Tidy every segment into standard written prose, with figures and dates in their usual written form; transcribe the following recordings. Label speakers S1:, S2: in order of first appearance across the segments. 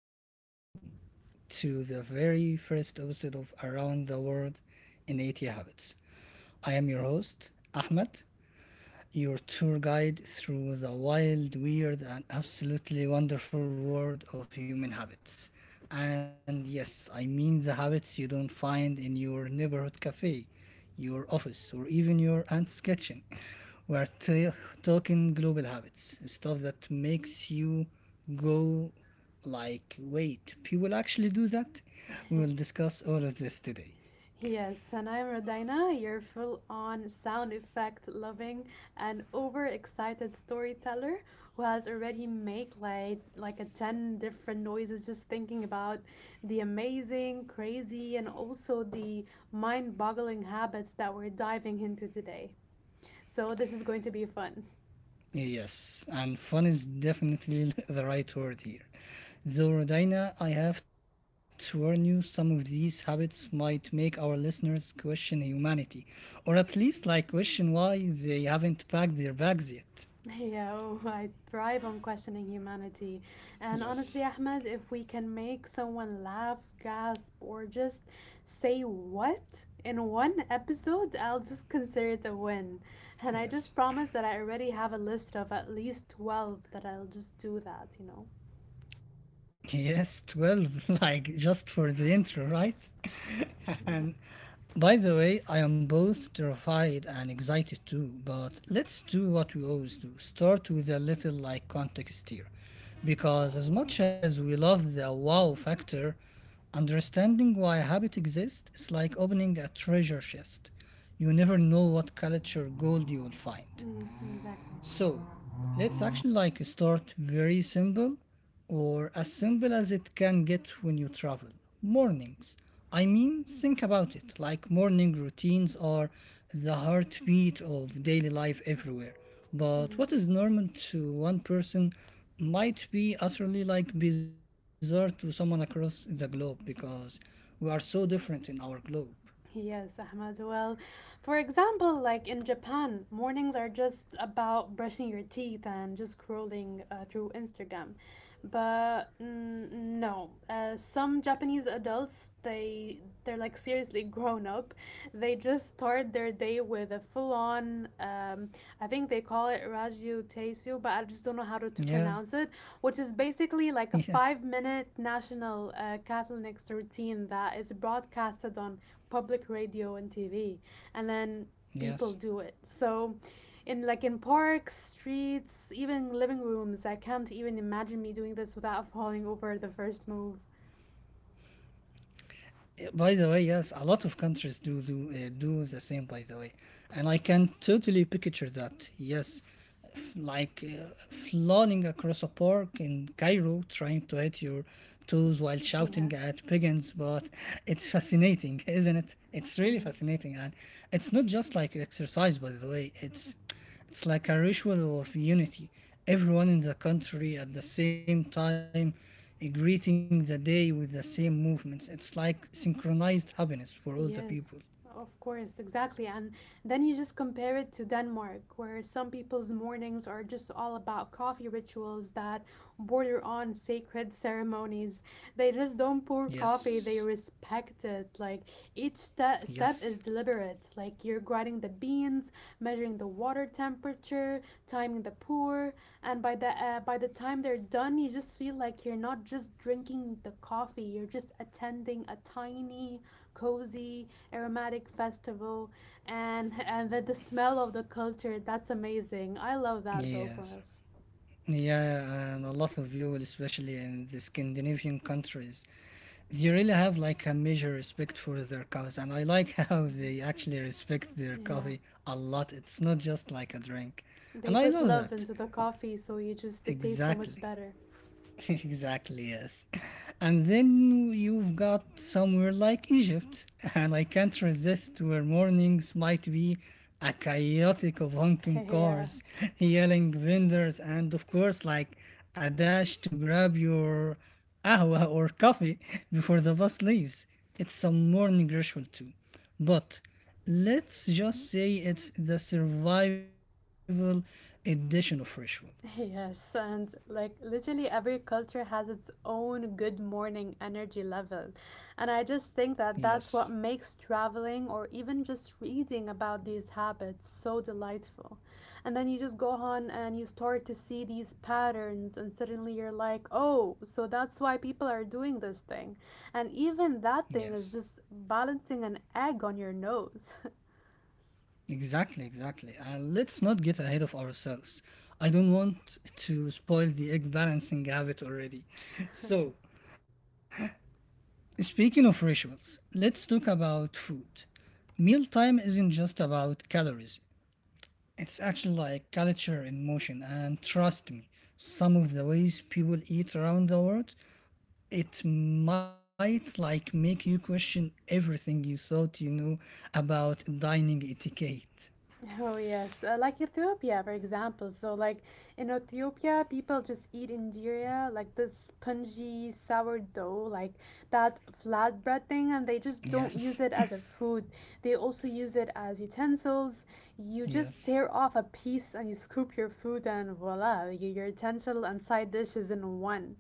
S1: and welcome to the very first episode of Around the World in 80 Habits. I am your host, Ahmed, your tour guide through the wild, weird, and absolutely wonderful world of human habits. And yes, I mean the habits you don't find in your neighborhood cafe, your office, or even your aunt's kitchen. We're talking global habits, stuff that makes you go like, wait, people actually do that? We will discuss all of this today.
S2: Yes, and I'm Rodina, your full on sound effect loving and overexcited storyteller who has already made like a 10 different noises just thinking about the amazing, crazy, and also the mind boggling habits that we're diving into today. So, this is going to be fun.
S1: Yes, and fun is definitely the right word here. Though, Rodina, I have to warn you, some of these habits might make our listeners question humanity, or at least like question why they haven't packed their bags yet.
S2: Yeah, oh, I thrive on questioning humanity. And honestly, Ahmed, if
S1: Yes,
S2: we can make someone laugh, gasp, or just say what in one episode, I'll just consider it a win. And I just promise that I
S1: yes.
S2: already have a list of at least 12 that I'll just do that?
S1: Yes, 12, like just for the intro, right?
S2: Yeah.
S1: And by the way, I am both terrified and excited too, but let's do what we always do. Start with a little like context here. Because as much as we love the wow factor, understanding why a habit exists is like opening a treasure chest. You never know what culture gold you will find.
S2: Mm, exactly.
S1: So let's actually like start very simple, or as simple as it can get when you travel. Mornings. I mean, think about it. Like morning routines are the heartbeat of daily life everywhere. But what
S2: Mm-hmm.
S1: is normal to one person might be utterly like bizarre to someone across the globe, because we are so different in our globe.
S2: Yes, Ahmad. Well, for example, like in Japan, mornings are just about brushing your teeth and just scrolling through Instagram. But mm, no, some Japanese adults they're like seriously grown up. They just start their day with a full on. I think they call it Raju Teisu, but I just don't know how to
S1: Yeah,
S2: pronounce it. Which is basically
S1: yes,
S2: like a 5 minute national Catholic routine that is broadcasted on public radio and TV, and then
S1: yes.
S2: people do it. So, in parks, streets, even living rooms, I can't even imagine me doing this without falling over the first move.
S1: By the way, yes, a lot of countries do do the same. By the way, and I can totally picture that. Yes, f- like uh, flying across a park in Cairo, trying to hit your toes while shouting at
S2: Yeah.
S1: pigeons. But it's fascinating, isn't it? It's really
S2: hmm
S1: fascinating, and it's not just like exercise. By the way, it's like a ritual of unity. Everyone in the country at the same time, greeting the day with the same movements. It's like synchronized happiness for all the people.
S2: Yes, of course, exactly. And then you just compare it to Denmark, where some people's mornings are just all about coffee rituals that border on sacred ceremonies. They just don't pour
S1: Yes,
S2: coffee, they respect it. Like each
S1: yes,
S2: step is deliberate. Like you're grinding the beans, measuring the water temperature, timing the pour, and by the time they're done, you just feel like you're not just drinking the coffee, you're just attending a tiny, cozy, aromatic festival, and and the smell of the culture, that's amazing. I love that, though. For
S1: yes.
S2: us,
S1: Yeah, and a lot of people, especially in the Scandinavian countries, they really have like a major respect for their cows. And I like how
S2: Mhm.
S1: they actually respect their
S2: yeah,
S1: coffee a lot. It's not just like a drink. And
S2: they
S1: I
S2: put
S1: love
S2: love
S1: that.
S2: into the coffee, so you just, it tastes so much
S1: Exactly.
S2: better.
S1: Exactly, yes. And then you've got somewhere like Egypt, and I can't resist, where mornings might be a chaotic of honking
S2: Yeah.
S1: cars, yelling vendors, and of course, like a dash to grab your ahwa or coffee before the bus leaves. It's a morning ritual too. But let's just say it's the survival edition of rituals.
S2: Yes, and like literally every culture has its own good morning energy level. And I just think
S1: Yes,
S2: that that's what makes traveling or even just reading about these habits so delightful. And then you just go on and you start to see these patterns, and suddenly you're like, oh, so that's why people are doing this thing. And even that thing
S1: yes.
S2: is just balancing an egg on your nose.
S1: Exactly, exactly. And let's not get ahead of ourselves. I don't want to spoil the egg balancing habit already. So, speaking of rituals, let's talk about food. Mealtime isn't just about calories, it's actually like culture in motion. And trust me, some of the ways people eat around the world, it might like make you question everything you thought you knew about dining etiquette.
S2: Oh, yes. Like Ethiopia, for example. So, like in Ethiopia, people just eat injera, like this spongy sourdough, like that flatbread thing, and they just don't
S1: Yes,
S2: use it as a food. They also use it as utensils. You just
S1: yes.
S2: tear off a piece and you scoop your food, and voila, your utensil and side dish is in one.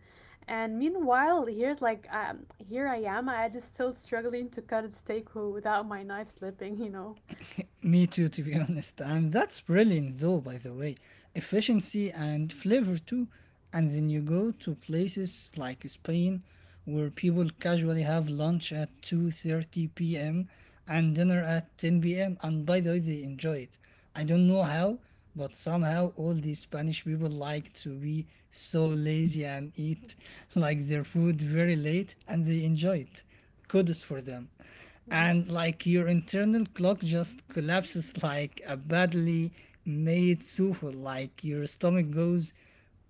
S2: And meanwhile, here I am. I just still struggling to cut a steak without my knife slipping, you know.
S1: Me too, to be honest. And that's brilliant, though, by the way. Efficiency and flavor, too. And then you go to places like Spain, where people casually have lunch at 2:30 p.m. and dinner at 10 p.m., and by the way they enjoy it. I don't know how, but somehow all these Spanish people like to be so lazy and eat like their food very late, and they enjoy it. Kudos for them.
S2: Mm-hmm.
S1: And like your internal clock just collapses like a badly made souffle, like your stomach goes,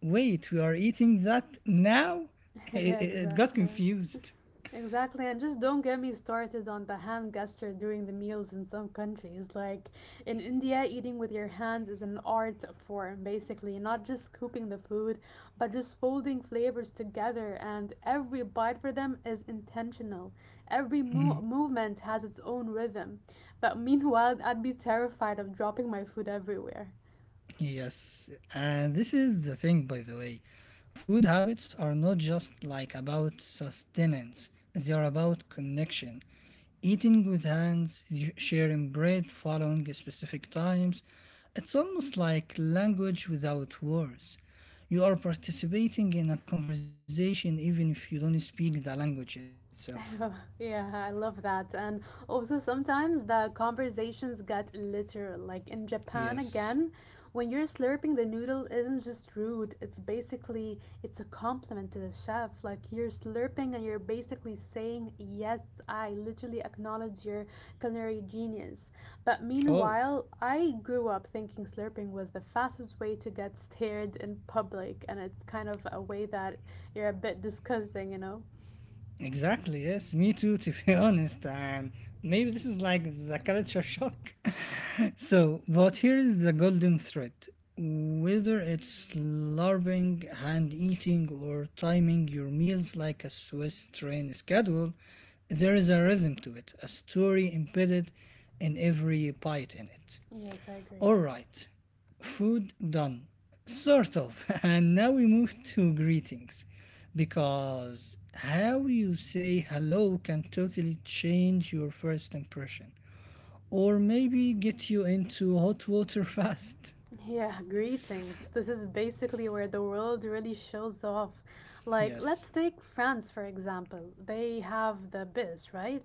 S1: wait, we are eating that now? It,
S2: Yeah,
S1: it, it got
S2: exactly.
S1: confused.
S2: Exactly, and just don't get me started on the hand gesture during the meals in some countries. Like in India, eating with your hands is an art form, basically, not just scooping the food, but just folding flavors together, and every bite for them is intentional. Every movement has its own rhythm. But meanwhile, I'd be terrified of dropping my food everywhere.
S1: Yes, and this is the thing, by the way. Food habits are not just like about sustenance, they are about connection. Eating with hands, sharing bread, following specific times. It's almost like language without words. You are participating in a conversation even if you don't speak the language itself.
S2: Oh, yeah, I love that. And also, sometimes the conversations get literal. Like in Japan,
S1: Yes.
S2: again, when you're slurping, the noodle isn't just rude. It's basically it's a compliment to the chef. Like you're slurping and you're basically saying, "Yes, I literally acknowledge your culinary genius." But
S1: Oh,
S2: meanwhile, I grew up thinking slurping was the fastest way to get stared in public, and it's kind of a way that you're a bit disgusting, you know.
S1: exactly. Yes, me too, to be honest. And maybe this is like the culture shock. So, but here is the golden thread. Whether it's LARPing, hand eating, or timing your meals like a Swiss train schedule, there is a rhythm to it, a story embedded in every bite in it.
S2: Yes, I agree.
S1: All right, food done. Sort of. And now we move to greetings. Because how you say hello can totally change your first impression. Or maybe get you into hot water fast.
S2: Yeah, greetings. This is basically where the world really shows off. Like,
S1: Yes.
S2: let's take France for example. They have the bis, right?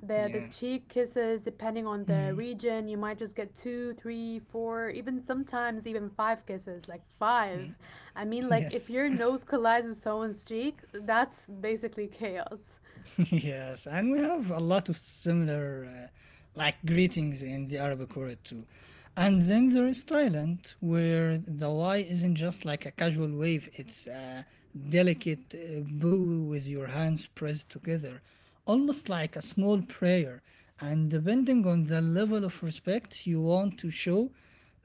S2: The
S1: Yeah.
S2: cheek kisses, depending on the region, you might just get two, three, four, even sometimes even five kisses, like five. I mean, like if
S1: Yes.
S2: your nose collides with someone's cheek, that's basically chaos.
S1: Yes, and we have a lot of similar like greetings in the Arabic world too. And then there is Thailand, where the Y isn't just like a casual wave, it's a delicate bow with your hands pressed together, almost like a small prayer. And depending on the level of respect you want to show,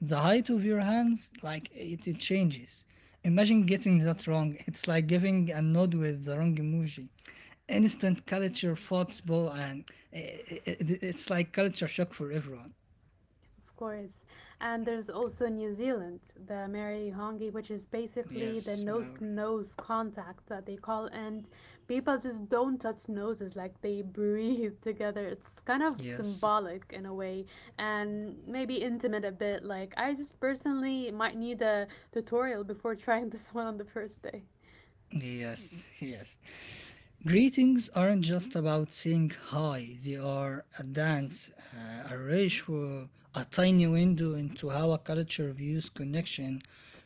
S1: the height of your hands, like it changes. Imagine getting that wrong, it's like giving a nod with the wrong emoji. Instant culture foxball, and it's like culture shock for everyone.
S2: Of course. And there's also New Zealand, the Mary Hongi, which is basically the
S1: Yes,
S2: nose
S1: Maur.
S2: to nose contact that they call. And people just don't touch noses, like they breathe together. It's kind of
S1: Yes,
S2: symbolic in a way, and maybe intimate a bit. Like, I just personally might need a tutorial before trying this one on the first day.
S1: yes. Yes. Greetings aren't just about saying hi, they are a dance, a ritual, a tiny window into how a culture views connection,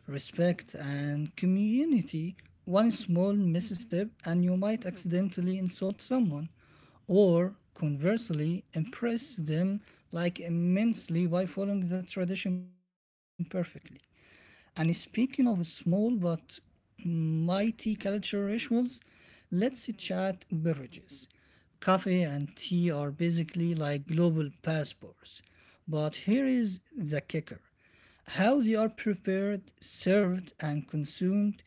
S1: respect, and community. One small misstep, and you might accidentally insult someone, or conversely, impress them like immensely by following the tradition perfectly. And speaking of small but mighty cultural rituals, let's chat beverages. Coffee and tea are basically like global passports. But here is the kicker, how they are prepared, served, and consumed,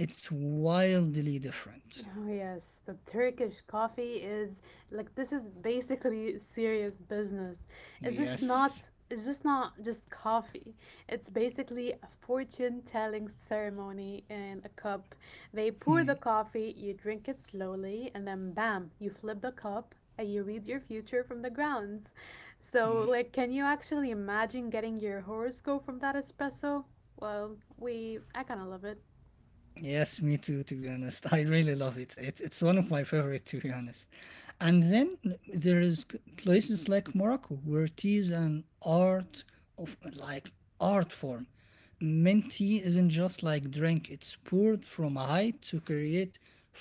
S1: it's wildly different.
S2: Oh yes, the Turkish coffee is, like, this is basically serious business. It's just
S1: Yes.
S2: not it's just not just coffee. It's basically a fortune telling ceremony in a cup. They pour
S1: Hmm.
S2: the coffee, you drink it slowly, and then bam, you flip the cup and you read your future from the grounds. So like, can you actually imagine getting your horoscope from that espresso? Well, we I kind of love it.
S1: Yes, me too. To be honest, I really love it. It's one of my favorite, to be honest. And then there is places like Morocco where tea is an art of like art form. Mint tea isn't just like drink; it's poured from a height to create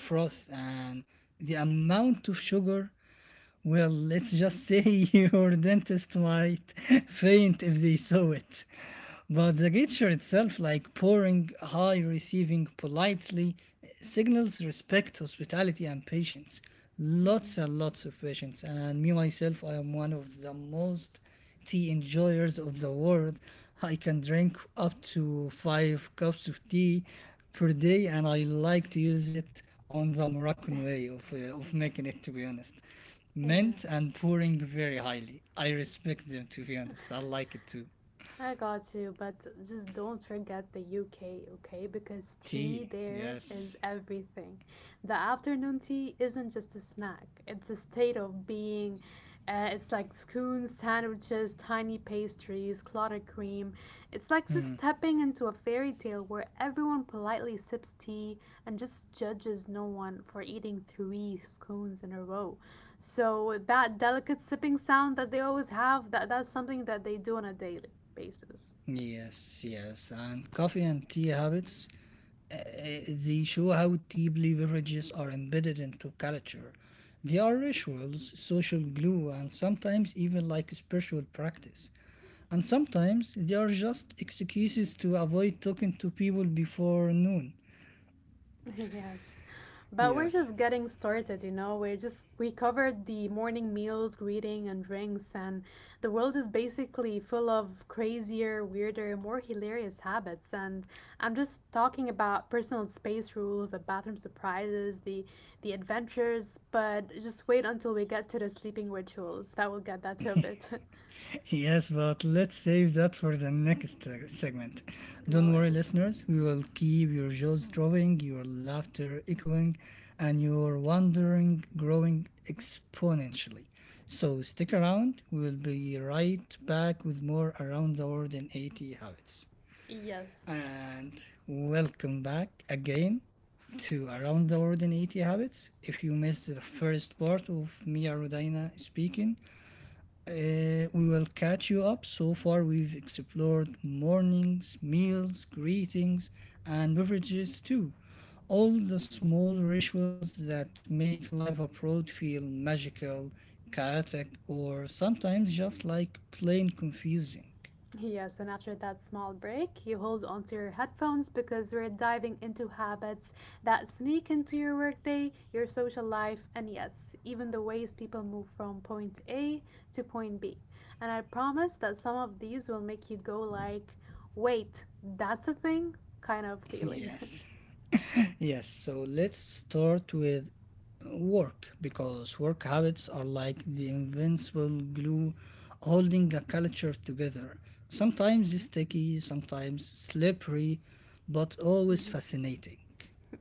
S1: froth, and the amount of sugar, well, let's just say your dentist might faint if they saw it. But the gesture itself, like pouring high, receiving politely, signals respect, hospitality, and patience.
S2: Mhm.
S1: Lots and lots of patience. And me myself, I am one of the most tea enjoyers of the world. I can drink up to five cups of tea per day, and I like to use it on the Moroccan way of making it, to be honest,
S2: Yeah.
S1: mint and pouring very highly. I respect them, to be honest. I like it too.
S2: I got you, but just don't forget the UK, okay? Because tea
S1: Tea,
S2: there is
S1: yes.
S2: everything. The afternoon tea isn't just a snack, it's a state of being. It's like scones, sandwiches, tiny pastries, clotted cream, it's like just
S1: Hmm.
S2: stepping into a fairy tale where everyone politely sips tea and just judges no one for eating three scones in a row. So that delicate sipping sound that they always have, that's something that they do on a daily basis.
S1: Yes, yes. And coffee and tea habits, uh, they show how deeply beverages are embedded into culture. They are rituals, social glue, and sometimes even like spiritual practice. And sometimes they are just excuses to avoid talking to people before noon.
S2: Yes, but we're
S1: Yes.
S2: just getting started, you know. We covered the morning meals, greeting, and drinks, and the world is basically full of crazier, weirder, more hilarious habits. And I'm just talking about personal space rules, the bathroom surprises, the adventures. But just wait until we get to the sleeping rituals. That will get that to a bit.
S1: Yes, but let's save that for the next segment.
S2: No
S1: Don't worry,
S2: worries.
S1: listeners, we will keep your jaws dropping, your laughter echoing, and your wondering growing exponentially. So stick around, we will be right back with more Around the World in 80 Habits.
S2: Yes.
S1: And welcome back again to Around the World in 80 Habits. If you missed the first part of Mia Rodina speaking, we will catch you up. So far, we've explored mornings, meals, greetings, and beverages too. All the small rituals that make life abroad feel magical, chaotic, or sometimes just like plain confusing.
S2: Yes, and after that small break, you hold onto your headphones because we're diving into habits that sneak into your workday, your social life, and yes, even the ways people move from point A to point B. And I promise that some of these will make you go like, "Wait, that's a thing?" kind of feeling.
S1: Yes. Yes, so let's start with work, because work habits are like the invincible glue holding a culture together. Sometimes sticky, sometimes slippery, but always fascinating.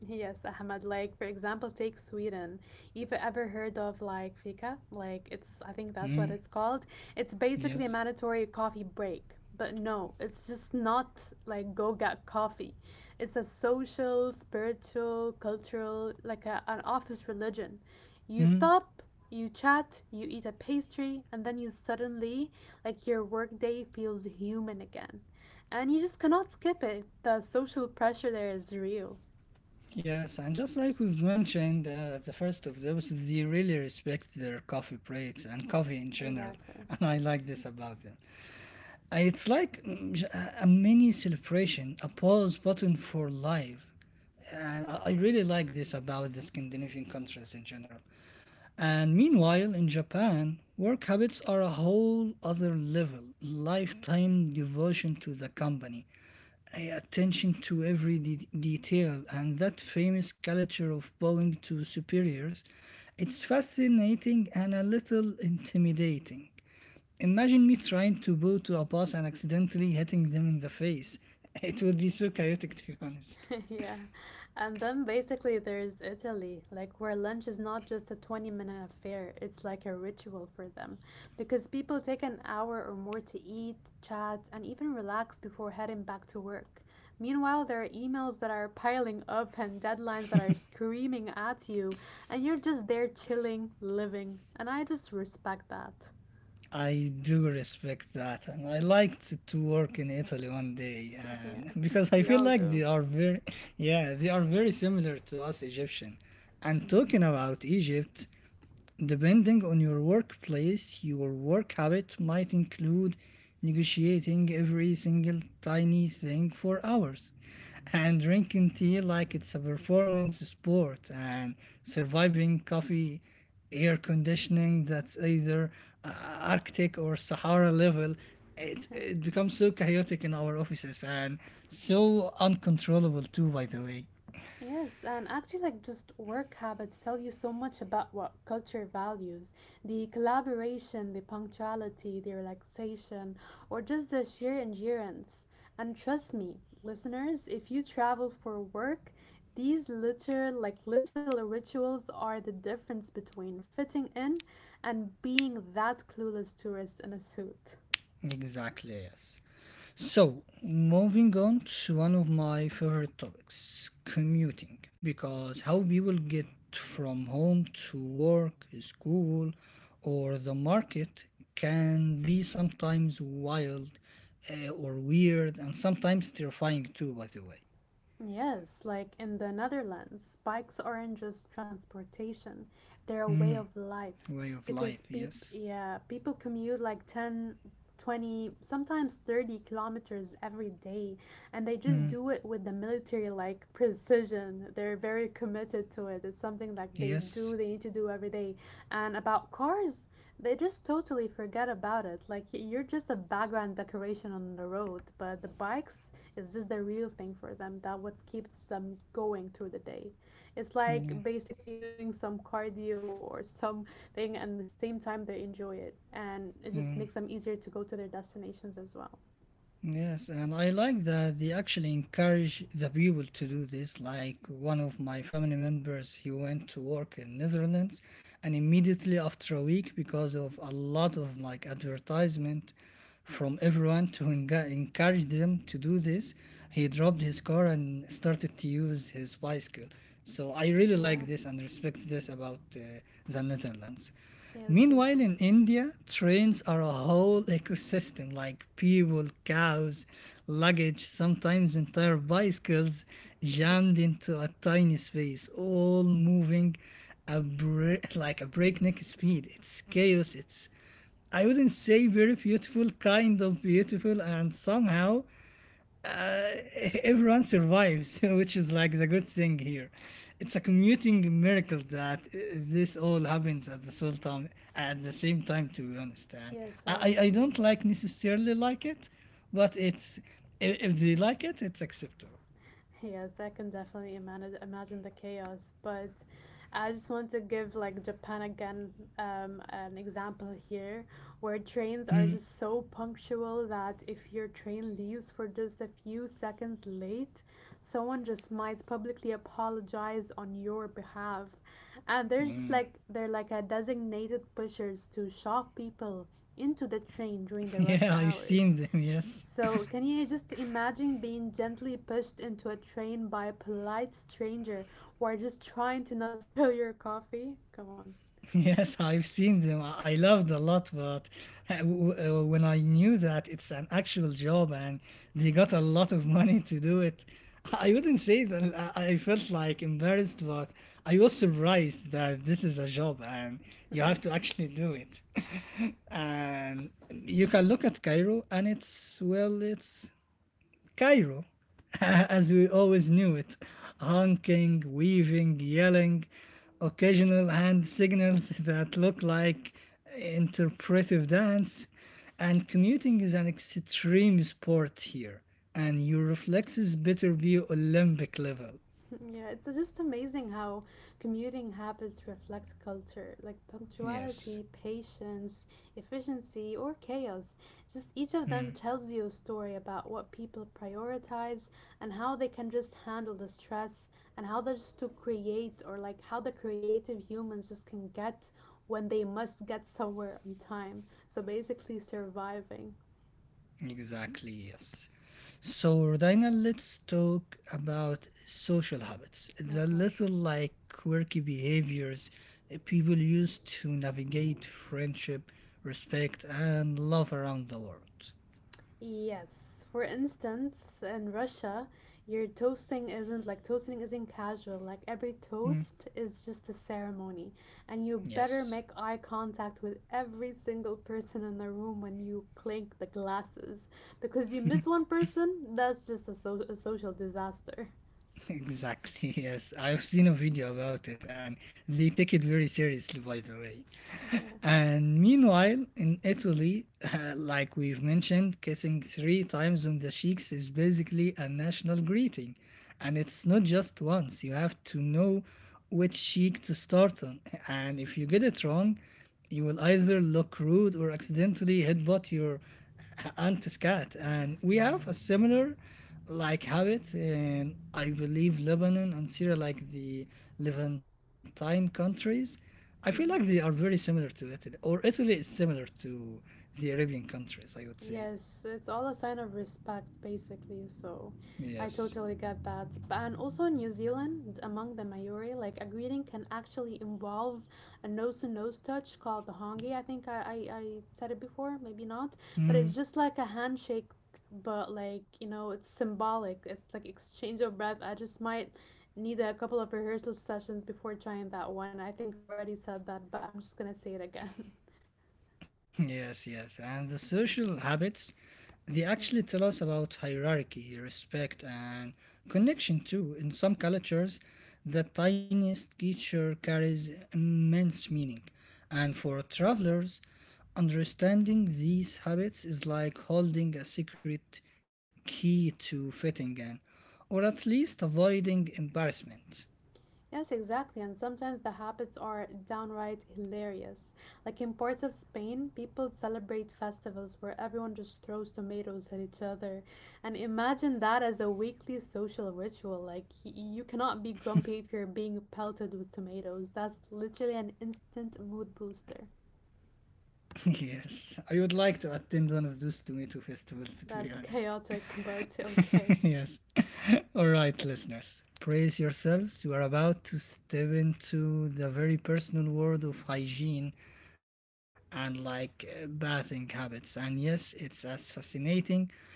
S2: Yes, Ahmed. Like, for example, take Sweden. You've ever heard of like fika? Like, it's, I think that's what
S1: Mm,
S2: it's called. It's basically a
S1: yes.
S2: mandatory coffee break. But no, it's just not like go get coffee. It's a social, spiritual, cultural, like an office religion. You
S1: Mm,
S2: stop, you chat, you eat a pastry, and then you suddenly, like, your workday feels human again. And you just cannot skip it. The social pressure there is real.
S1: yes, and just like we've mentioned at the first of those, they really respect their coffee breaks and coffee in general,
S2: Exactly.
S1: and I like this about them. It's like mm, a mini celebration, a pause button for life. And I really like this about the Scandinavian countries in general. And meanwhile, in Japan, work habits are a whole other level. Lifetime devotion to the company, attention to every detail, and that famous culture of bowing to superiors. It's fascinating and a little intimidating. Imagine me trying to bow to a pass and accidentally hitting them in the face. It would be so chaotic, to be honest.
S2: Yeah. And then basically there's Italy, like where lunch is not just a 20-minute affair, it's like a ritual for them because people take an hour or more to eat, chat, and even relax before heading back to work. Meanwhile, there are emails that are piling up and deadlines that are screaming at you, and you're just there chilling, living. And I just respect that.
S1: I do respect that, and I liked to work in Italy one day,
S2: Yeah,
S1: and because I
S2: we
S1: feel
S2: all
S1: like
S2: do.
S1: they are very, yeah, they are very similar to us Egyptian. And
S2: Mhm.
S1: talking about Egypt, depending on your workplace, your work habit might include negotiating every single tiny thing for hours, and drinking tea like it's a performance sport, and surviving coffee air conditioning that's either uh, Arctic or Sahara level. It, it becomes so chaotic in our offices, and so uncontrollable, too, by the way.
S2: Yes, and actually, like just work habits tell you so much about what culture values. The collaboration, the punctuality, the relaxation, or just the sheer endurance. And trust me, listeners, if you travel for work, these little rituals are the difference between fitting in and being that clueless tourist in a suit.
S1: Exactly, yes. So, moving on to one of my favorite topics, commuting, because how people get from home to work, school, or the market can be sometimes wild, or weird, and sometimes terrifying too, by the way.
S2: Yes, like in the Netherlands, bikes aren't just transportation, they're a way
S1: Mm,
S2: of life
S1: way of
S2: because
S1: life,
S2: peop
S1: yes.
S2: yeah, people commute like 10, 20, sometimes 30 kilometers every day, and they just
S1: Mm,
S2: do it with the military like precision. They're very committed to it. It's something like
S1: yes.
S2: they need to do every day. And about cars, they just totally forget about it. Like you're just a background decoration on the road, but the bikes is just the real thing for them. That what keeps them going through the day. It's like
S1: Mm,
S2: basically doing some cardio or something, and at the same time they enjoy it, and it just makes
S1: mm.
S2: them easier to go to their destinations as well.
S1: Yes, and I like that they actually encourage the people to do this. Like one of my family members, he went to work in Netherlands, and immediately after a week, because of a lot of advertisement from everyone to encourage them to do this, he dropped his car and started to use his bicycle. So I really
S2: Yeah.
S1: like this and respect this about the Netherlands.
S2: Yes,
S1: Meanwhile,
S2: totally.
S1: in India, trains are a whole ecosystem like people, cows, luggage, sometimes entire bicycles
S2: Yeah.
S1: jammed into a tiny space, all moving a bra- like a breakneck speed. It's chaos. I wouldn't say very beautiful, kind of beautiful, and somehow everyone survives, which is like the good thing here. It's a commuting miracle that this all happens at the same time. At the same time, to be honest, and
S2: Yes,
S1: I,
S2: I
S1: I- I
S2: can.
S1: don't like necessarily like it, but if they like it, it's acceptable.
S2: Yes, I can definitely imagine the chaos, but I just want to give like Japan again, an example here, where trains are just so punctual that if your train leaves for just a few seconds late, someone just might publicly apologize on your behalf, and there's just
S1: Mm.
S2: like they're like a designated pushers to shove people into the train during the rush
S1: Yeah, I've
S2: hours.
S1: seen them. Yes.
S2: So, can you just imagine being gently pushed into a train by a polite stranger who are just trying to not spill your coffee? Come on.
S1: Yes, I've seen them. I loved a lot, but when I knew that it's an actual job and they got a lot of money to do it, I wouldn't say that I felt like embarrassed, but I was surprised that this is a job and you
S2: Yeah.
S1: have to actually do it. And you can look at Cairo and it's Cairo, as we always knew it, honking, weaving, yelling, occasional hand signals that look like interpretive dance, and commuting is an extreme sport here, and your reflexes better be Olympic level.
S2: Yeah, it's just amazing how commuting habits reflect culture, like
S1: Yes.
S2: punctuality, patience, efficiency, or chaos. Just each of them tells you a story about what people prioritize and how they can just handle the stress and how they just to create or like how the creative humans just can get when they must get somewhere on time. So basically surviving.
S1: Exactly, yes. So, Rodina, let's talk about social habits,
S2: No
S1: the
S2: problem.
S1: little like quirky behaviors that people use to navigate friendship, respect, and love around the world.
S2: Yes. For instance, in Russia, your toasting isn't like toasting isn't casual. Like every toast is just a ceremony, and you better
S1: Yes,
S2: make eye contact with every single person in the room when you clink the glasses, because you miss one person, that's just a, a social disaster.
S1: exactly, yes. I've seen a video about it and they take it very seriously, by the way.
S2: Yeah.
S1: And meanwhile, in Italy, like we've mentioned, kissing three times on the cheeks is basically a national greeting. And it's not just once, you have to know which cheek to start on. And if you get it wrong, you will either look rude or accidentally headbutt your aunt's cat. And we have a similar like habit in, I believe, Lebanon and Syria, like the Levantine countries I feel like they are
S2: hmm
S1: very similar to Italy, or Italy is similar to the Arabian countries, I would say.
S2: Yes, it's all a sign of respect, basically. So I
S1: Yes.
S2: totally get that. But, and also in New Zealand, among the Maori, like a greeting can actually involve a nose to nose touch called the hongi. I think I said it before, maybe not. But
S1: Hmm.
S2: it's just like a handshake, but like, you know, it's symbolic. It's like exchange of breath. I just might need a couple of rehearsal sessions before trying that one. I think I already said that, but I'm just gonna say it again.
S1: Yes, yes. And the social habits, they actually tell us about hierarchy, respect, and connection too. In some cultures, the tiniest gesture carries immense meaning. And for travelers, understanding these habits is like holding a secret key to fitting in, or at least avoiding embarrassment.
S2: Yes, exactly. And sometimes the habits are downright hilarious. Like in parts of Spain, people celebrate festivals where everyone just throws tomatoes at each other. And imagine that as a weekly social ritual. Like, you cannot be grumpy if you're being pelted with tomatoes. That's literally an instant mood booster.
S1: yes, I would like to attend one of those tomato festivals, to be
S2: That's
S1: honest.
S2: chaotic, but okay.
S1: yes. All right, listeners, brace yourselves. You are about to step into the very personal world of hygiene and bathing habits. And yes, it's as fascinating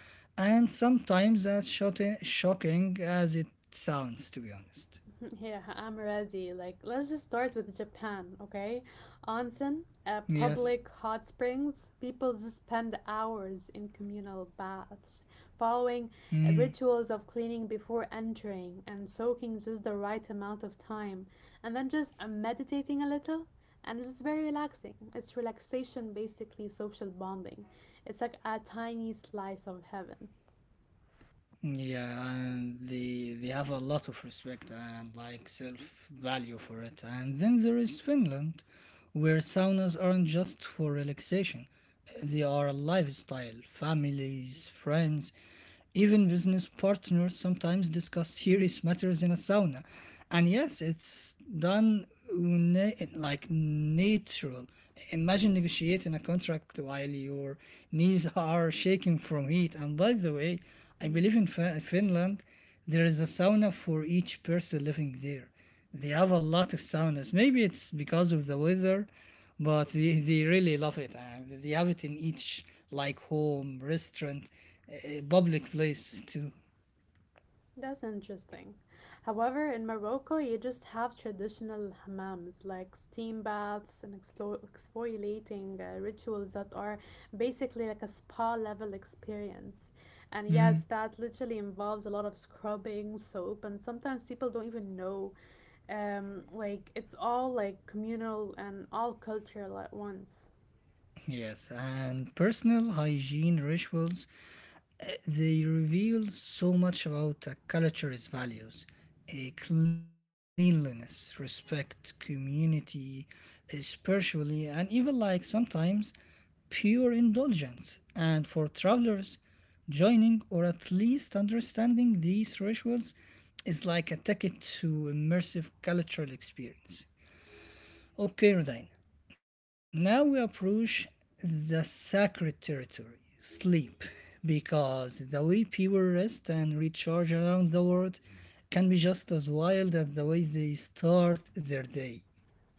S1: and sometimes as shocking as it sounds, to be honest.
S2: Yeah, I'm ready. Like, let's just start with Japan, okay? Onsen,
S1: Yes.
S2: public hot springs. People just spend hours in communal baths, following
S1: Mm.
S2: rituals of cleaning before entering and soaking just the right amount of time, and then just meditating a little. And it's just very relaxing. It's relaxation, basically social bonding. It's like a tiny slice of heaven.
S1: Yeah, and they have a lot of respect and like self value for it. And then there is Finland, where saunas aren't just for relaxation; they are a lifestyle. Families, friends, even business partners sometimes discuss serious matters in a sauna. And yes, it's done natural. Imagine negotiating a contract while your knees are shaking from heat. And by the way, I
S2: Mhm.
S1: believe in Finland there is a sauna for each person living there. They have a lot of saunas. Maybe it's because of the weather, but they really love it. And they have it in each like home, restaurant, public place too.
S2: That's interesting. However, in Morocco, you just have traditional hammams like steam baths and exfoliating rituals that are basically like a spa level experience. And
S1: Mm.
S2: yes, that literally involves a lot of scrubbing, soap, and sometimes people don't even know. Like it's all like communal and all cultural at once.
S1: Yes, and personal hygiene rituals they reveal so much about a culture's values, a cleanliness, respect, community, spiritually, and even like sometimes pure indulgence. And for travelers, joining or at least understanding these rituals is like a ticket to immersive cultural experience. Okay, Rodina. Now we approach the sacred territory, sleep, because the way people rest and recharge around the world can be just as wild as the way they start their day.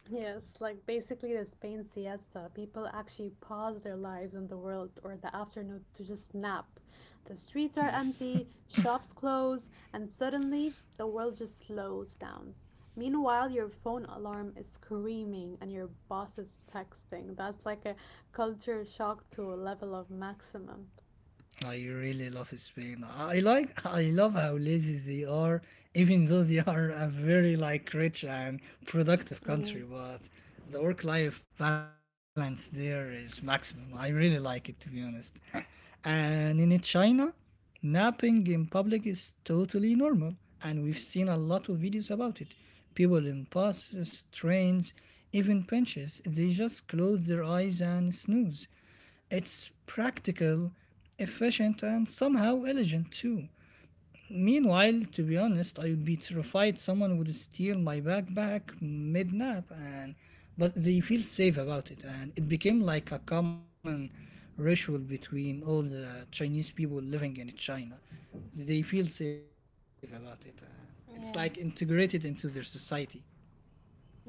S2: Yes, like basically the Spain siesta. People actually pause their lives in the world or the afternoon to just nap. The streets are
S1: Yes.
S2: empty, shops close, and suddenly the world just slows down. Meanwhile, your phone alarm is screaming and your boss is texting. That's like a culture shock to a level of maximum.
S1: I really love Spain. I love how lazy they are, even though they are a very like rich and productive country,
S2: hmm
S1: but the work life balance there is maximum. I really like it to be honest. And in China, napping in public is totally normal and we've seen a lot of videos about it. People in buses, trains, even benches, they just close their eyes and snooze. It's practical, efficient, and somehow elegant too. Meanwhile, to be honest, I would be terrified someone would steal my backpack mid nap, and but they feel safe about it, and it became like a common ritual between all the Chinese people living in China. They feel safe about it, and it's like
S2: Yeah.
S1: integrated into their society.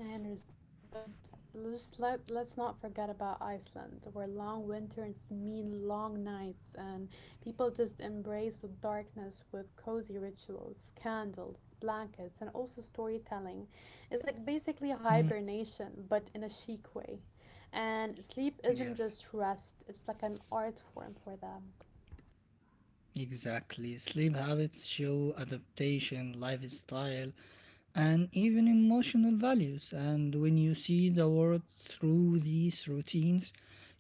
S2: I understand, but just let's not forget about Iceland, where long winters mean long nights and people just embrace the darkness with cozy rituals, candles, blankets, and also storytelling. It's like basically
S1: Mm,
S2: hibernation, but in a chic way. And sleep isn't
S1: yes,
S2: just rest, it's like an art form for them.
S1: exactly. Sleep habits show adaptation, lifestyle, and even emotional values. And when you see the world through these routines,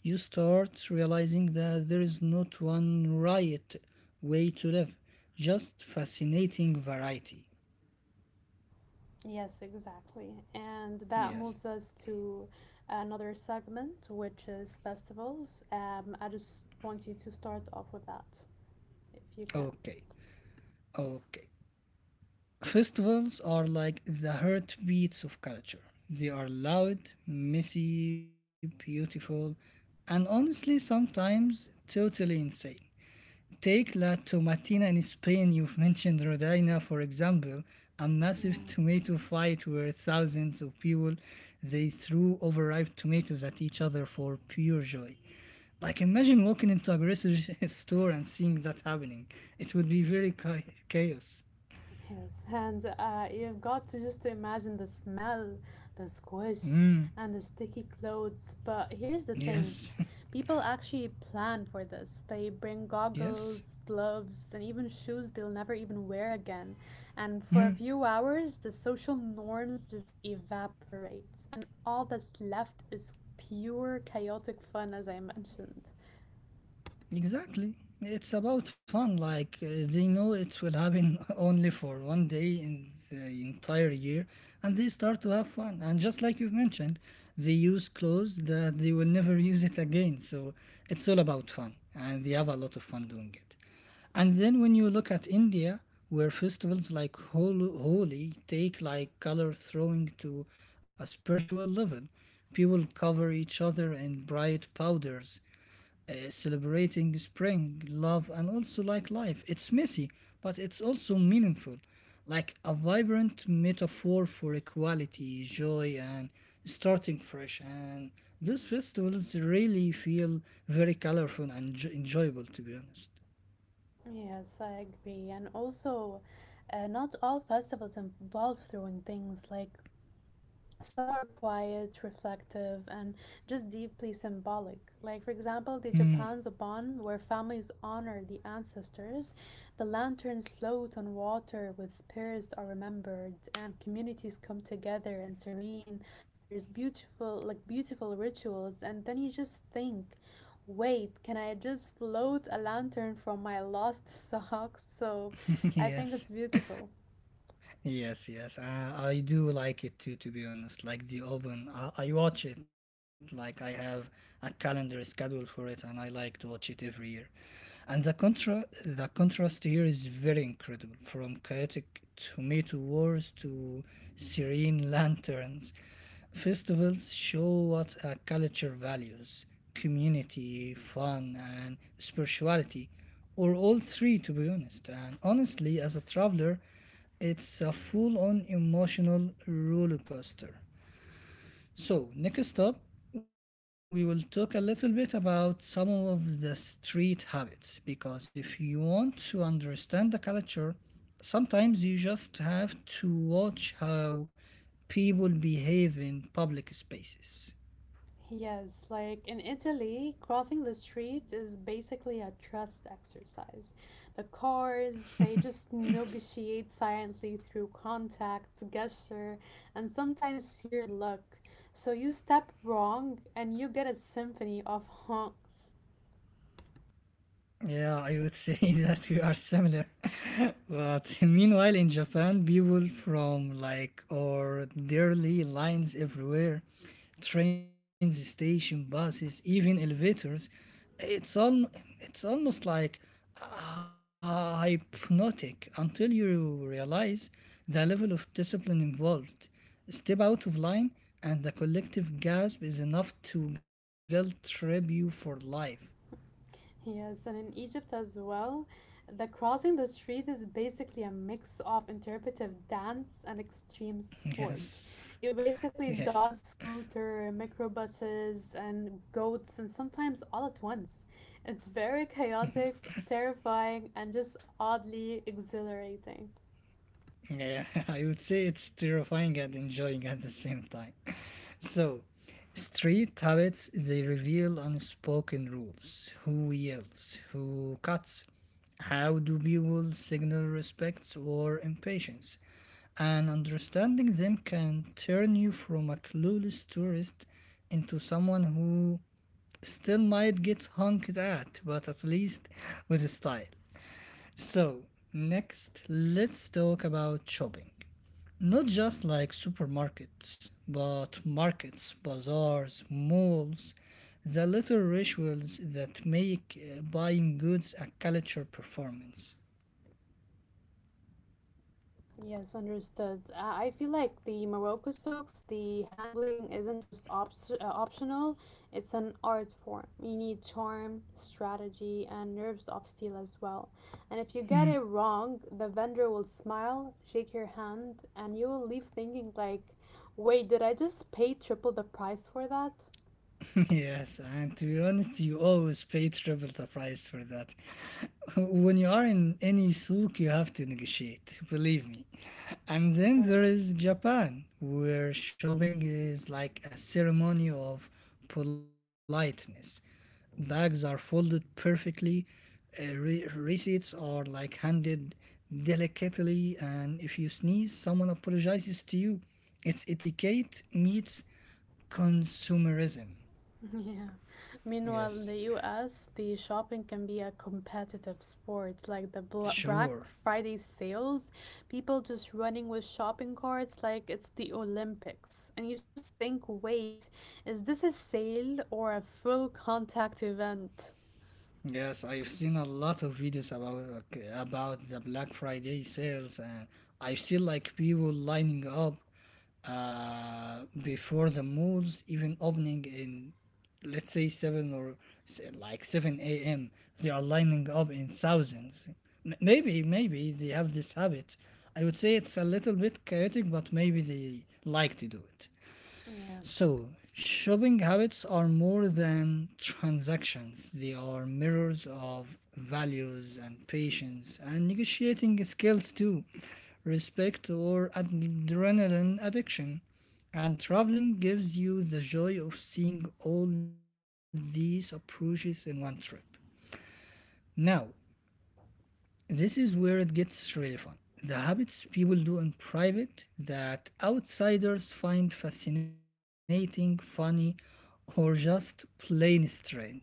S1: you start realizing that there is not one right way to live, just fascinating variety.
S2: Yes, exactly. And that moves
S1: Yes,
S2: us to another segment, which is festivals. I just want you to start off with that, if you can.
S1: okay, okay. Festivals are like the heartbeats of culture. They are loud, messy, beautiful, and honestly, sometimes totally insane. Take La Tomatina in Spain, you've mentioned Rodaina, for example, a massive
S2: Yeah,
S1: tomato fight where thousands of people they threw overripe tomatoes at each other for pure joy. Like imagine walking into a grocery store and seeing that happening. It would be very chaos.
S2: yes. And you've got to just to imagine the smell, the squish,
S1: Mm,
S2: and the sticky clothes. But here's the thing.
S1: yes,
S2: People actually plan for this. They bring
S1: yes.
S2: goggles, gloves, and even shoes they'll never even wear again. And for a
S1: Mm.
S2: few hours, the social norms just evaporate, and all that's left is pure chaotic fun, as I mentioned.
S1: Exactly. It's about fun. They know it will happen only for one day in the entire year, and they start to have fun. And just like you've mentioned, they use clothes that they will never use it again. So it's all about fun, and they have a lot of fun doing it. And then when you look at India, where festivals like Holi take like color throwing to a spiritual level, people cover each other in bright powders, celebrating spring, love, and also like life. It's messy, but it's also meaningful, like a vibrant metaphor for equality, joy, and starting fresh. And these festivals really feel very colorful and enjoyable, to be honest.
S2: Yes, I agree. And also, not all festivals involve throwing things like some are quiet, reflective, and just deeply symbolic. Like, for example, the
S1: Mm,
S2: Japan Zaban, where families honor the ancestors, the lanterns float on water with spirits are remembered, and communities come together and serene. There's beautiful, like, beautiful rituals, and then you just think, wait, can I just float a lantern from my lost socks? So I think
S1: yes.
S2: it's beautiful.
S1: Yes, yes, I do like it too. To be honest, like the open, I watch it. Like I have a calendar schedule for it, and I like to watch it every year. And the contrast here is very incredible. From chaotic tomato wars to serene lanterns, festivals show what a culture values, community, fun, and spirituality, or all three, to be honest. And honestly, as a traveler, it's a full-on emotional roller coaster. So, next up, we will talk a little bit about some of the street habits, because if you want to understand the culture, sometimes you just have to watch how people behave in public spaces.
S2: Yes, like in Italy, crossing the street is basically a trust exercise. The cars, they just negotiate silently through contact, gesture, and sometimes sheer luck. So you step wrong and you get a symphony of honks.
S1: Yeah, I would say that we are similar. But meanwhile, in Japan, people from like or daily lines everywhere, trains, station, buses, even elevators. It's all it's almost like hypnotic until you realize the level of discipline involved. Step out of line, and the collective gasp is enough to guilt trip you for life.
S2: Yes, and in Egypt as well, the crossing the street is basically a mix of interpretive dance and extreme sport.
S1: Yes,
S2: You basically dodge
S1: yes.
S2: scooter, microbuses, and goats, and sometimes all at once. It's very chaotic, terrifying, and just oddly exhilarating.
S1: Yeah, I would say it's terrifying and enjoying at the same time. So, street habits they reveal unspoken rules. Who yells, who cuts, how do people signal respect or impatience? And understanding them can turn you from a clueless tourist into someone who still might get honked at, but at least with style. So, next, let's talk about shopping. Not just like supermarkets, but markets, bazaars, malls, the little rituals that make buying goods a culture performance.
S2: Yes, understood. I feel like the Morocco silks, the handling isn't just optional, it's an art form. You need charm, strategy, and nerves of steel as well. And if you get
S1: Hmm.
S2: it wrong, the vendor will smile, shake your hand, and you will leave thinking like, wait, did I just pay triple the price for that?
S1: Yes, and to be honest, you always pay triple the price for that. When you are in any souk, you have to negotiate, believe me. And
S2: Of
S1: then
S2: course.
S1: there is Japan, where shopping is like a ceremony of politeness. Bags are folded perfectly, receipts are like handed delicately, and if you sneeze, someone apologizes to you. It's etiquette meets consumerism.
S2: Yeah. Meanwhile, in the
S1: Yes,
S2: US, the shopping can be a competitive sport, like the Black
S1: sure.
S2: Friday sales, people just running with shopping carts like it's the Olympics. And you just think, wait, is this a sale or a full contact event?
S1: Yes, I've seen a lot of videos about about the Black Friday sales, and I've seen like people lining up before the malls even opening in, let's say seven or seven a.m. They are lining up in thousands. Maybe they have this habit. I would say it's a little bit chaotic, but maybe they like to do it.
S2: Yeah.
S1: So, shopping habits are more than transactions. They are mirrors of values and patience and negotiating skills too, respect or adrenaline addiction. And traveling gives you the joy of seeing all these approaches in one trip. Now, this is where it gets really fun. The habits people do in private that outsiders find fascinating, funny, or just plain strange.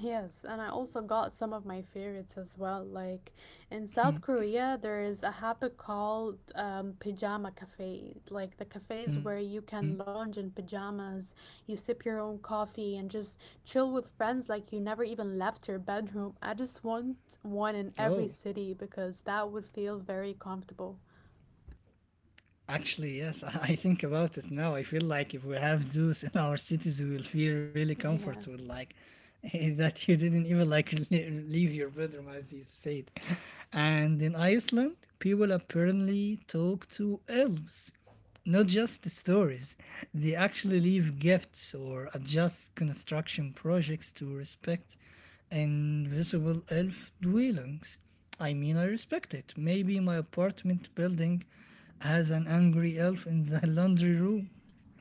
S2: Yes, and I also got some of my favorites as well. Like in South Korea, there is a habit called pajama cafe, like the cafes where you
S1: Hmm?
S2: can lounge in pajamas, you sip your own coffee, and just chill with friends like you never even left your bedroom. I just want one in
S1: Oh,
S2: every city because that would feel very comfortable.
S1: actually, yes, I think about it now. I feel like if we have zoos in our cities, we will feel really
S2: Yeah.
S1: comfortable, like that you didn't even like leave your bedroom, as you said. And in Iceland, people apparently talk to elves, not just the stories. They actually leave gifts or adjust construction projects to respect invisible elf dwellings. I mean, I respect it. Maybe my apartment building as an angry elf in the laundry room.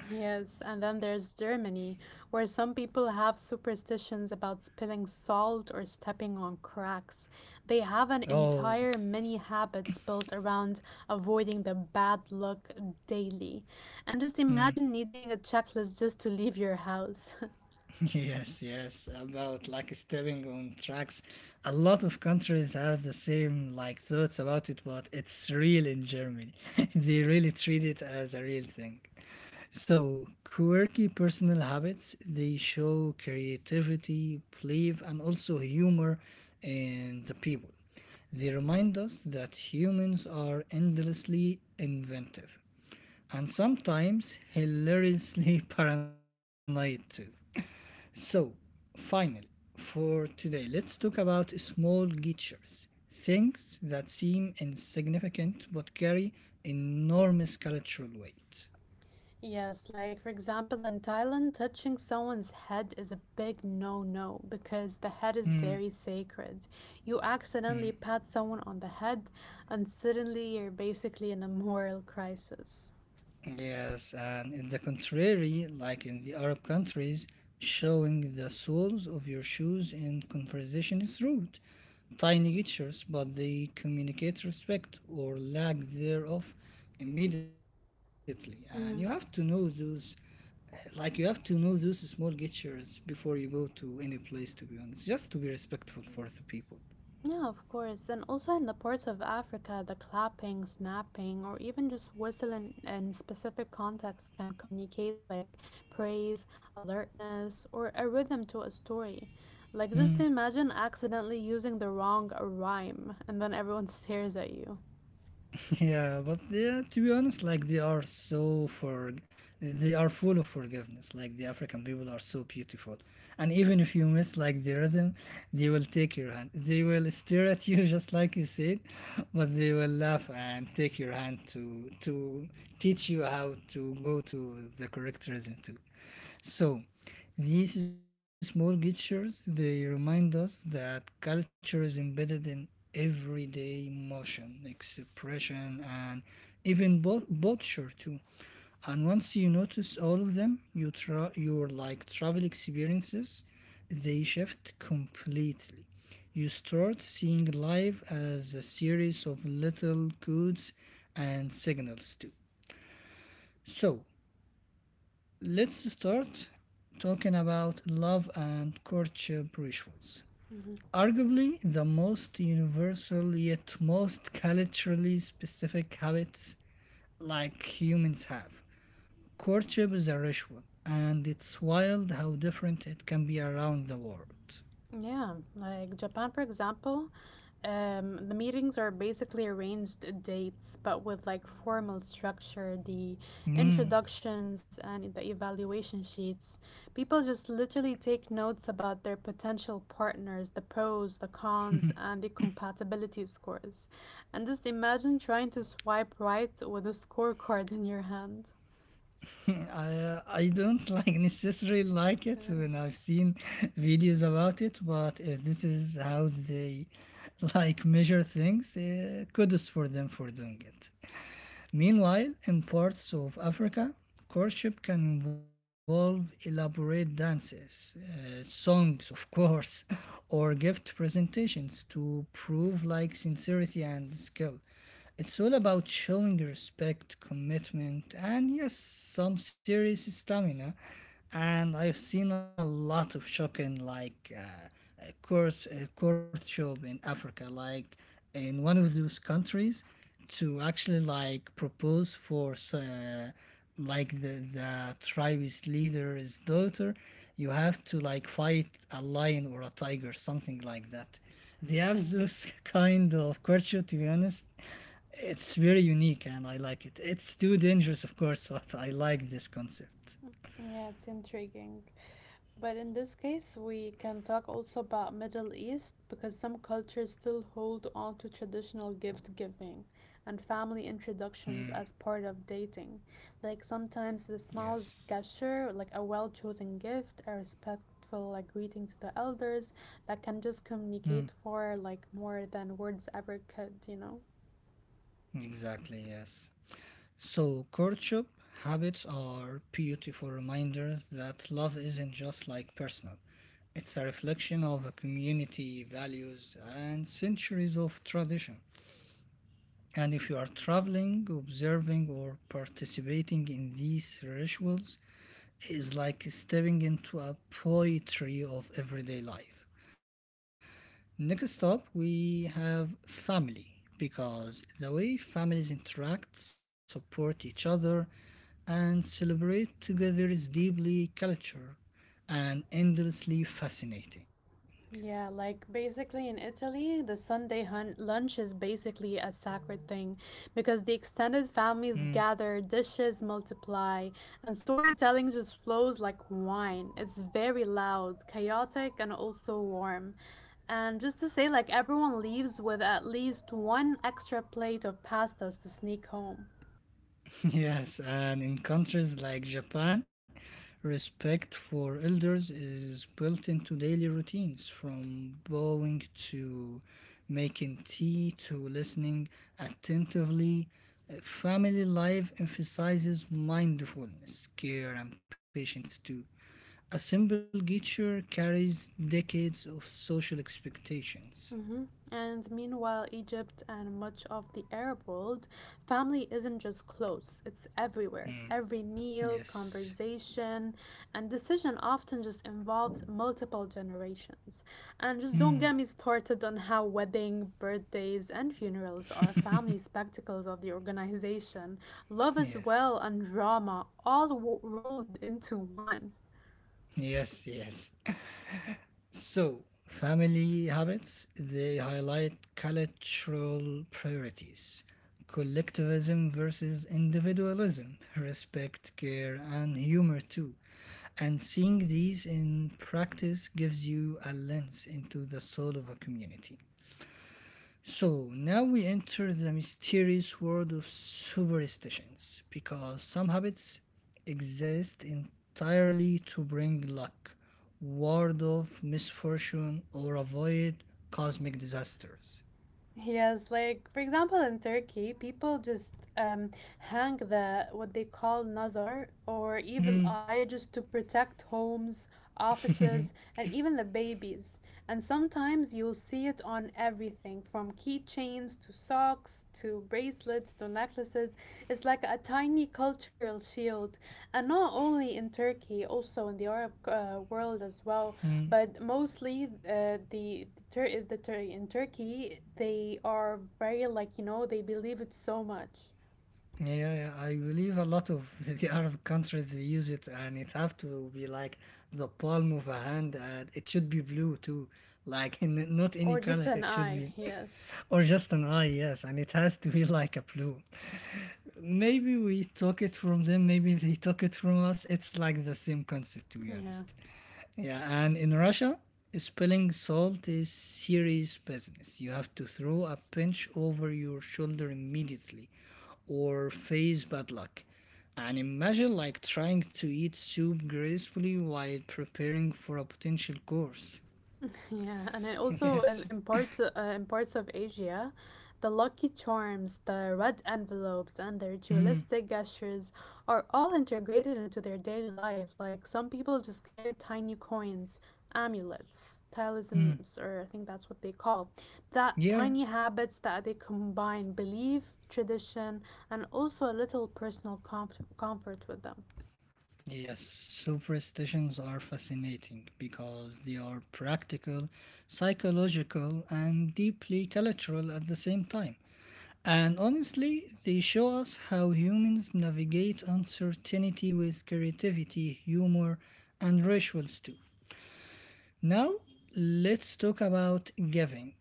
S2: Yes, and then there's Germany, where some people have superstitions about spilling salt or stepping on cracks. They have an
S1: Oh,
S2: entire mini habits built around avoiding the bad luck daily. And just
S1: mm,
S2: imagine needing a checklist just to leave your house.
S1: yes, yes, about like stepping on tracks. A lot of countries have the same like thoughts about it, but it's real in Germany. They really treat it as a real thing. So, quirky personal habits, they show creativity, belief, and also humor in the people. They remind us that humans are endlessly inventive, and sometimes hilariously paranoid too. So, finally, for today, let's talk about small gestures, things that seem insignificant but carry enormous cultural weight.
S2: Yes, like for example, in Thailand, touching someone's head is a big no no because the head
S1: Hmm.
S2: is very sacred. You
S1: Hmm.
S2: accidentally pat someone on the head, and suddenly you're basically in a moral crisis.
S1: Yes, and in the contrary, like in the Arab countries, showing the soles of your shoes in conversation is rude. Tiny gestures, but they communicate respect or lack thereof immediately. And you have to know
S2: Mm-hmm.
S1: those, like you have to know those small gestures before you go to any place. To be honest, just to be respectful for the people.
S2: Yeah, of course. And also in the parts of Africa, the clapping, snapping, or even just whistling in specific contexts can communicate like praise, alertness, or a rhythm to a story. Like just
S1: Mm.
S2: imagine accidentally using the wrong rhyme and then everyone stares at you.
S1: Yeah, but yeah, to be honest, like they are full of forgiveness. Like the African people are so beautiful, and even if you miss like the rhythm, they will take your hand. They will stare at you just like you said, but they will laugh and take your hand to teach you how to go to the correct rhythm too. So, these small gestures they remind us that culture is embedded in everyday emotion, expression, and even culture too. And once you notice all of them, your like travel experiences, they shift completely. You start seeing life as a series of little codes and signals too. So, let's start talking about love and courtship rituals. Arguably the most universal yet most culturally specific habits like humans have. Courtship is a ritual, and it's wild how different it can be around the world.
S2: Yeah, like Japan, for example, the meetings are basically arranged dates, but with like formal structure, the introductions and the evaluation sheets. People just literally take notes about their potential partners, the pros, the cons, and the compatibility scores. And just imagine trying to swipe right with a scorecard in your hand.
S1: I don't like necessarily like it
S2: Yeah,
S1: when I've seen videos about it, but if this is how they like measure things, kudos for them for doing it. Meanwhile, in parts of Africa, courtship can involve elaborate dances, songs, of course, or gift presentations to prove like sincerity and skill. It's all about showing respect, commitment, and yes, some serious stamina. And I've seen a lot of shocking, like courtship in Africa, like in one of those countries, to actually like propose for like the tribe's leader's daughter. You have to like fight a lion or a tiger, something like that. They have
S2: Mhm.
S1: those kind of courtship, to be honest it's very unique and I like it. It's too dangerous, of course, but I like this concept.
S2: Yeah, it's intriguing. But in this case, we can talk also about Middle East because some cultures still hold on to traditional gift giving and family
S1: Mm.
S2: introductions as part of dating. Like sometimes
S1: Yes.
S2: the smallest gesture, like a well chosen gift, a respectful like greeting to the elders, that can just
S1: Mm,
S2: communicate for like more than words ever could, you know?
S1: exactly, yes. So, courtship habits are beautiful reminders that love isn't just like personal, it's a reflection of a community, values, and centuries of tradition. And if you are traveling, observing, or participating in these rituals, is like stepping into a poetry of everyday life. Next up, we have family because the way families interact, support each other, and celebrate together is deeply cultural and endlessly fascinating.
S2: Yeah, like basically in Italy, the Sunday lunch is basically a sacred thing because the extended
S1: Hmm.
S2: families gather, dishes multiply, and storytelling just flows like wine. It's very loud, chaotic, and also warm. And just to say, like everyone leaves with at least one extra plate of pastas to sneak home.
S1: Yes, and in countries like Japan, respect for elders is built into daily routines from bowing to making tea to listening attentively. Family life emphasizes mindfulness, care, and patience too. A simple gesture carries decades of social expectations.
S2: Mhm. And meanwhile, Egypt and much of the Arab world, family isn't just close, it's everywhere.
S1: Mm,
S2: Every meal,
S1: yes.
S2: conversation, and decision often just involves multiple generations. And just don't
S1: Mm,
S2: get me started on how wedding, birthdays, and funerals are family spectacles of the organization. Love as
S1: yes.
S2: well and drama all rolled into one.
S1: Yes, yes. So, family habits, they highlight cultural priorities, collectivism versus individualism, respect, care, and humor too. And seeing these in practice gives you a lens into the soul of a community. So now we enter the mysterious world of superstitions because some habits exist entirely to bring luck, ward off misfortune, or avoid cosmic disasters.
S2: Yes, like for example, in Turkey, people just hang the what they call nazar or evil
S1: Hmm.
S2: eye just to protect homes, offices, and even the babies. And sometimes you'll see it on everything from keychains to socks to bracelets to necklaces. It's like a tiny cultural shield. And not only in Turkey, also in the Arab world as well, but mostly in Turkey they are very like, you know, they believe it so much.
S1: Yeah, yeah, I believe a lot of the Arab countries they use it, and it have to be like the palm of a hand, and it should be blue too, like in not any
S2: Or just
S1: color.
S2: an
S1: It should
S2: eye,
S1: be,
S2: yes.
S1: or just an eye, yes, and it has to be like a blue. Maybe we took it from them, maybe they took it from us, it's like the same concept to be
S2: Yeah.
S1: honest. Yeah, and in Russia, spilling salt is serious business. You have to throw a pinch over your shoulder immediately or face bad luck. And imagine like trying to eat soup gracefully while preparing for a potential course.
S2: Yeah, and it also
S1: Yes.
S2: in parts of Asia, the lucky charms, the red envelopes, and the
S1: Mm.
S2: ritualistic gestures are all integrated into their daily life. Like some people just carry tiny coins, amulets,
S1: Mm.
S2: talismans, or I think that's what they call that
S1: Yeah.
S2: tiny habits that they combine belief, tradition, and also a little personal comfort with them.
S1: Yes, superstitions are fascinating because they are practical, psychological, and deeply cultural at the same time. And honestly, they show us how humans navigate uncertainty with creativity, humor, and rituals too. Now, let's talk about giving,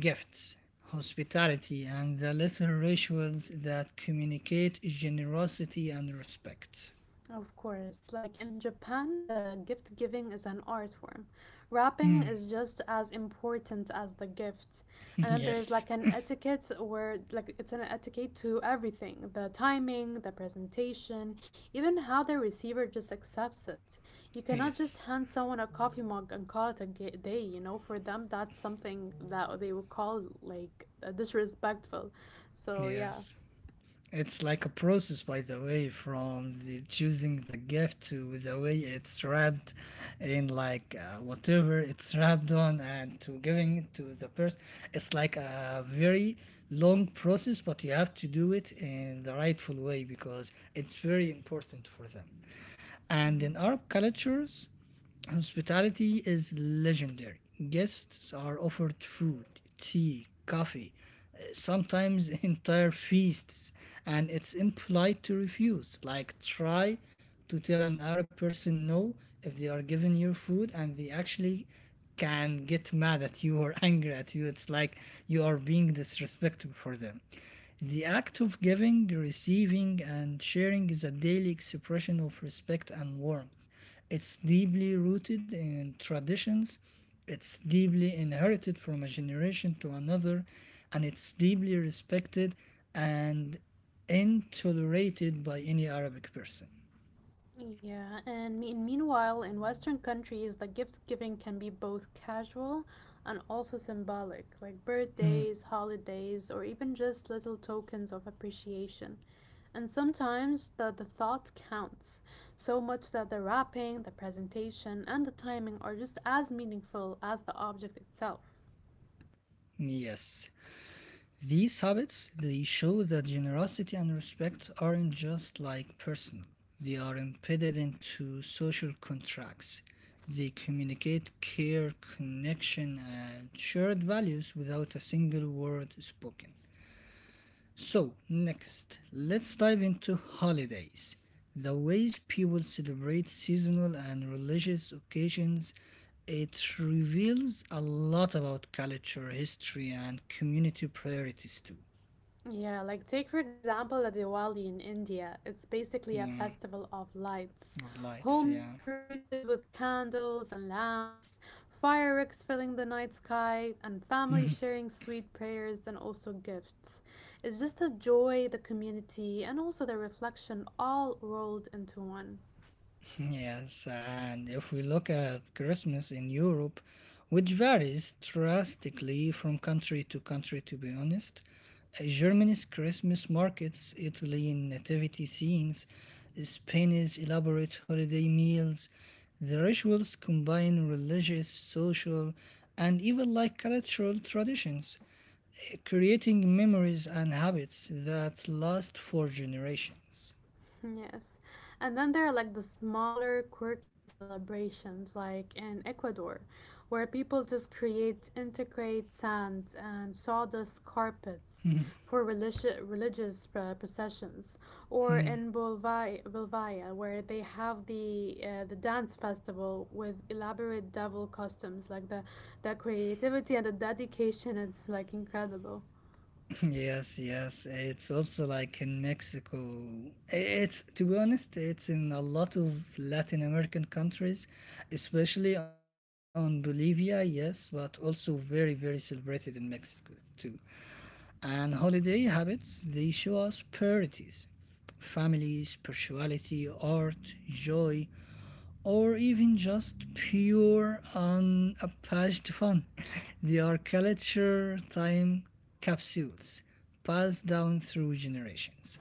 S1: gifts, hospitality, and the little rituals that communicate generosity and respect.
S2: Of course, like in Japan, the gift giving is an art form. Wrapping
S1: Hmm.
S2: is just as important as the gift. And then there's
S1: Yes.
S2: like an etiquette where, like, it's an etiquette to everything the timing, the presentation, even how the receiver just accepts it. You cannot just
S1: Yes,
S2: hand someone a coffee mug and call it a day, you know? For them, that's something that they would call like disrespectful. So, yeah.
S1: yes. It's like a process, by the way, from the choosing the gift to the way it's wrapped in, like whatever it's wrapped on, and to giving it to the person. It's like a very long process, but you have to do it in the rightful way because it's very important for them. And in
S2: Mhm.
S1: Arab cultures, hospitality is legendary. Guests are offered food, tea, coffee, sometimes entire feasts, and it's impolite to refuse. Like, try to tell an Arab person no if they are giving you food and they actually can get mad at you or angry at you. It's like you are being disrespectful for them. The act of giving, receiving, and sharing is a daily expression of respect and warmth. It's deeply rooted in traditions, it's deeply inherited from a generation to another, and it's deeply respected and intolerated by any Arabic person.
S2: Yeah, and meanwhile, in Western countries, like gift giving can be both casual and also symbolic, like birthdays, holidays, or even just little tokens of appreciation. And sometimes the thought counts so much that the wrapping, the presentation, and the timing are just as meaningful as the object itself.
S1: Yes. These habits they show that generosity and respect aren't just like personal. They are embedded into social contracts. They communicate care, connection, and shared values without a single word spoken. So, next, let's dive into holidays. The ways people celebrate seasonal and religious occasions, it reveals a lot about culture, history, and community priorities too.
S2: Yeah, like take for example a Diwali in India. It's basically a
S1: Yeah,
S2: festival of lights.
S1: of lights,
S2: Home
S1: yeah.
S2: decorated with candles and lamps, fireworks filling the night sky, and family sharing sweet prayers and also gifts. It's just the joy, the community, and also the reflection all rolled into one.
S1: Yes, and if we look at Christmas in Europe, which varies drastically from country to country, to be honest, Germany's Christmas markets, Italian nativity scenes, Spain's elaborate holiday meals, the rituals combine religious, social, and even like cultural traditions, creating memories and habits that last for generations.
S2: Yes. And then there are like the smaller, quirky celebrations, like in Ecuador, where people just create, integrate sand and sawdust carpets for religious processions. Or in Bolivia, Bolivia where they have the dance festival with elaborate devil costumes. Like the creativity and the dedication is like incredible.
S1: Yes, yes. It's also like in Mexico. It's to be honest, it's in a lot of Latin American countries, especially on Bolivia, yes, but also very, very celebrated in Mexico too. And holiday habits, they show us priorities. Family, spirituality, art, joy, or even just pure unabashed fun. They are culture time capsules passed down through generations.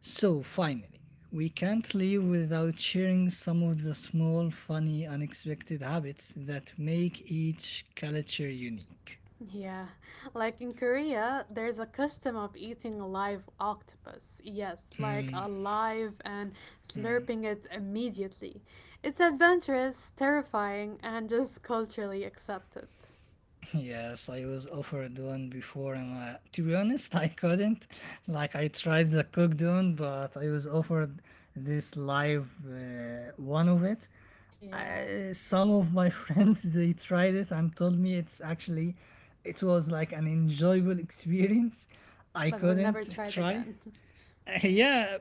S1: So, finally, we can't live without sharing some of the small, funny, unexpected habits that make each culture unique.
S2: Yeah, like in Korea, there's a custom of eating a live octopus. Yes, like alive and slurping it immediately. It's adventurous, terrifying, and just culturally accepted.
S1: Yes, I was offered one before, and to be honest, I couldn't. Like, I tried the cooked one, but I was offered this live one of it.
S2: Yeah,
S1: Some of my friends they tried it and told me it was like an enjoyable experience. I
S2: but would never
S1: couldn't
S2: try it
S1: try.
S2: again. Yeah.
S1: Yeah,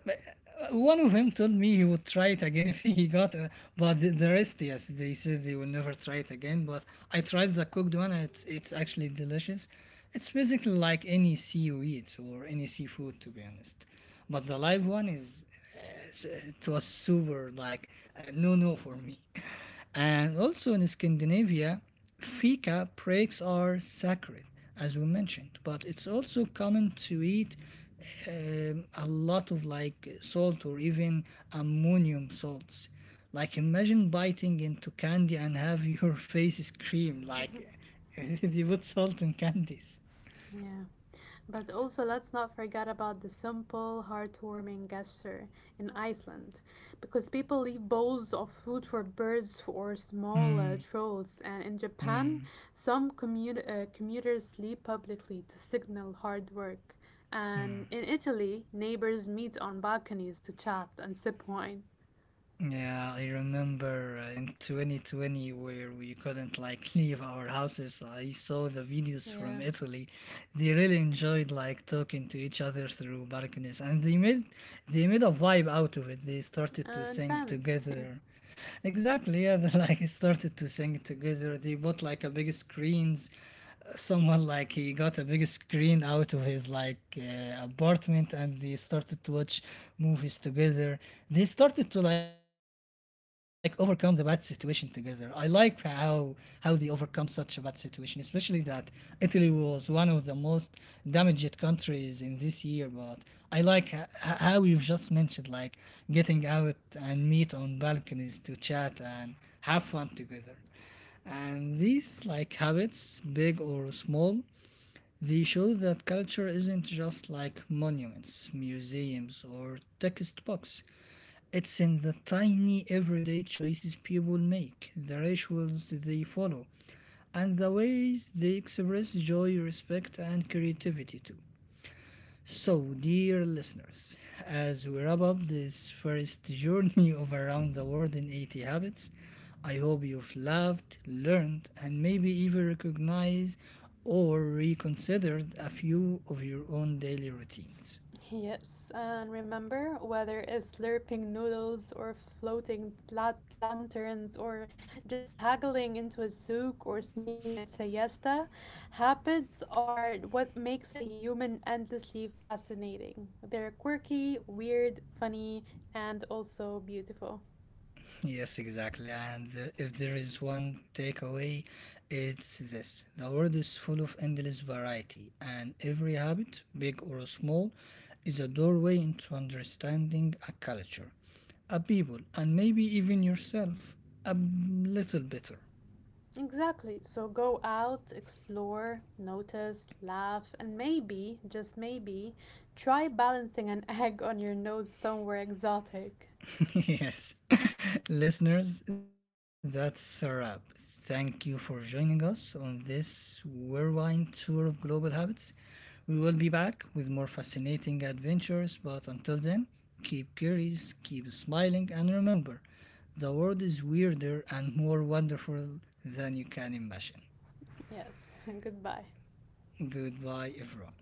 S1: one of them told me he would try it again if he got but the rest yes they said they will never try it again. But I tried the cooked one and it's actually delicious. It's basically like any sea or any seafood to be honest, but the live one is it was super like, no no for me. And also in Scandinavia, fika breaks are sacred as we mentioned, but it's also common to eat a lot of like salt or even ammonium salts. Like imagine biting into candy and have your face scream like they put salt in candies.
S2: Yeah. But also, let's not forget about the simple, heartwarming gesture in Iceland, because people leave bowls of food for birds or small trolls. And in Japan,
S1: Mm.
S2: some commuters sleep publicly to signal hard work. And in Italy, neighbors meet on balconies to chat and sip wine.
S1: Yeah, I remember in 2020 where we couldn't like leave our houses. I saw the videos from
S2: Yeah,
S1: Italy. They really enjoyed like talking to each other through balconies, and they made a vibe out of it. They started to
S2: and
S1: sing
S2: friends. Yeah.
S1: together. Exactly, yeah, they like started to sing together. They bought like a big screens, someone like he got a big screen out of his like apartment and they started to watch movies together. They started to like overcome the bad situation together. I like how they overcome such a bad situation, especially that Italy was one of the most damaged countries in this year. But I like how you've just mentioned like getting out and meet on balconies to chat and have fun together. And these like habits, big or small, they show that culture isn't just like monuments, museums, or textbooks. It's in the tiny everyday choices people make, the rituals they follow, and the ways they express joy, respect, and creativity too. So, dear listeners, as we wrap up this first journey of Around the World in 80 Habits, I hope you've loved, learned, and maybe even recognized or reconsidered a few of your own daily routines.
S2: Yes, and remember whether it's slurping noodles or floating lanterns or just haggling into a souk or sneaking a siesta, habits are what makes a human endlessly fascinating. They're quirky, weird, funny, and also beautiful.
S1: Yes, exactly. And if there is one takeaway, it's this: the world is full of endless variety, and every habit, big or small, is a doorway into understanding a culture, a people, and maybe even yourself a little better.
S2: Exactly. So go out, explore, notice, laugh, and maybe, just maybe, try balancing an egg on your nose somewhere exotic.
S1: Yes. Listeners, that's a wrap. Thank you for joining us on this whirlwind tour of global habits. We will be back with more fascinating adventures, but until then, keep curious, keep smiling, and remember the world is weirder and more wonderful than you can imagine.
S2: Yes, goodbye.
S1: Goodbye, everyone.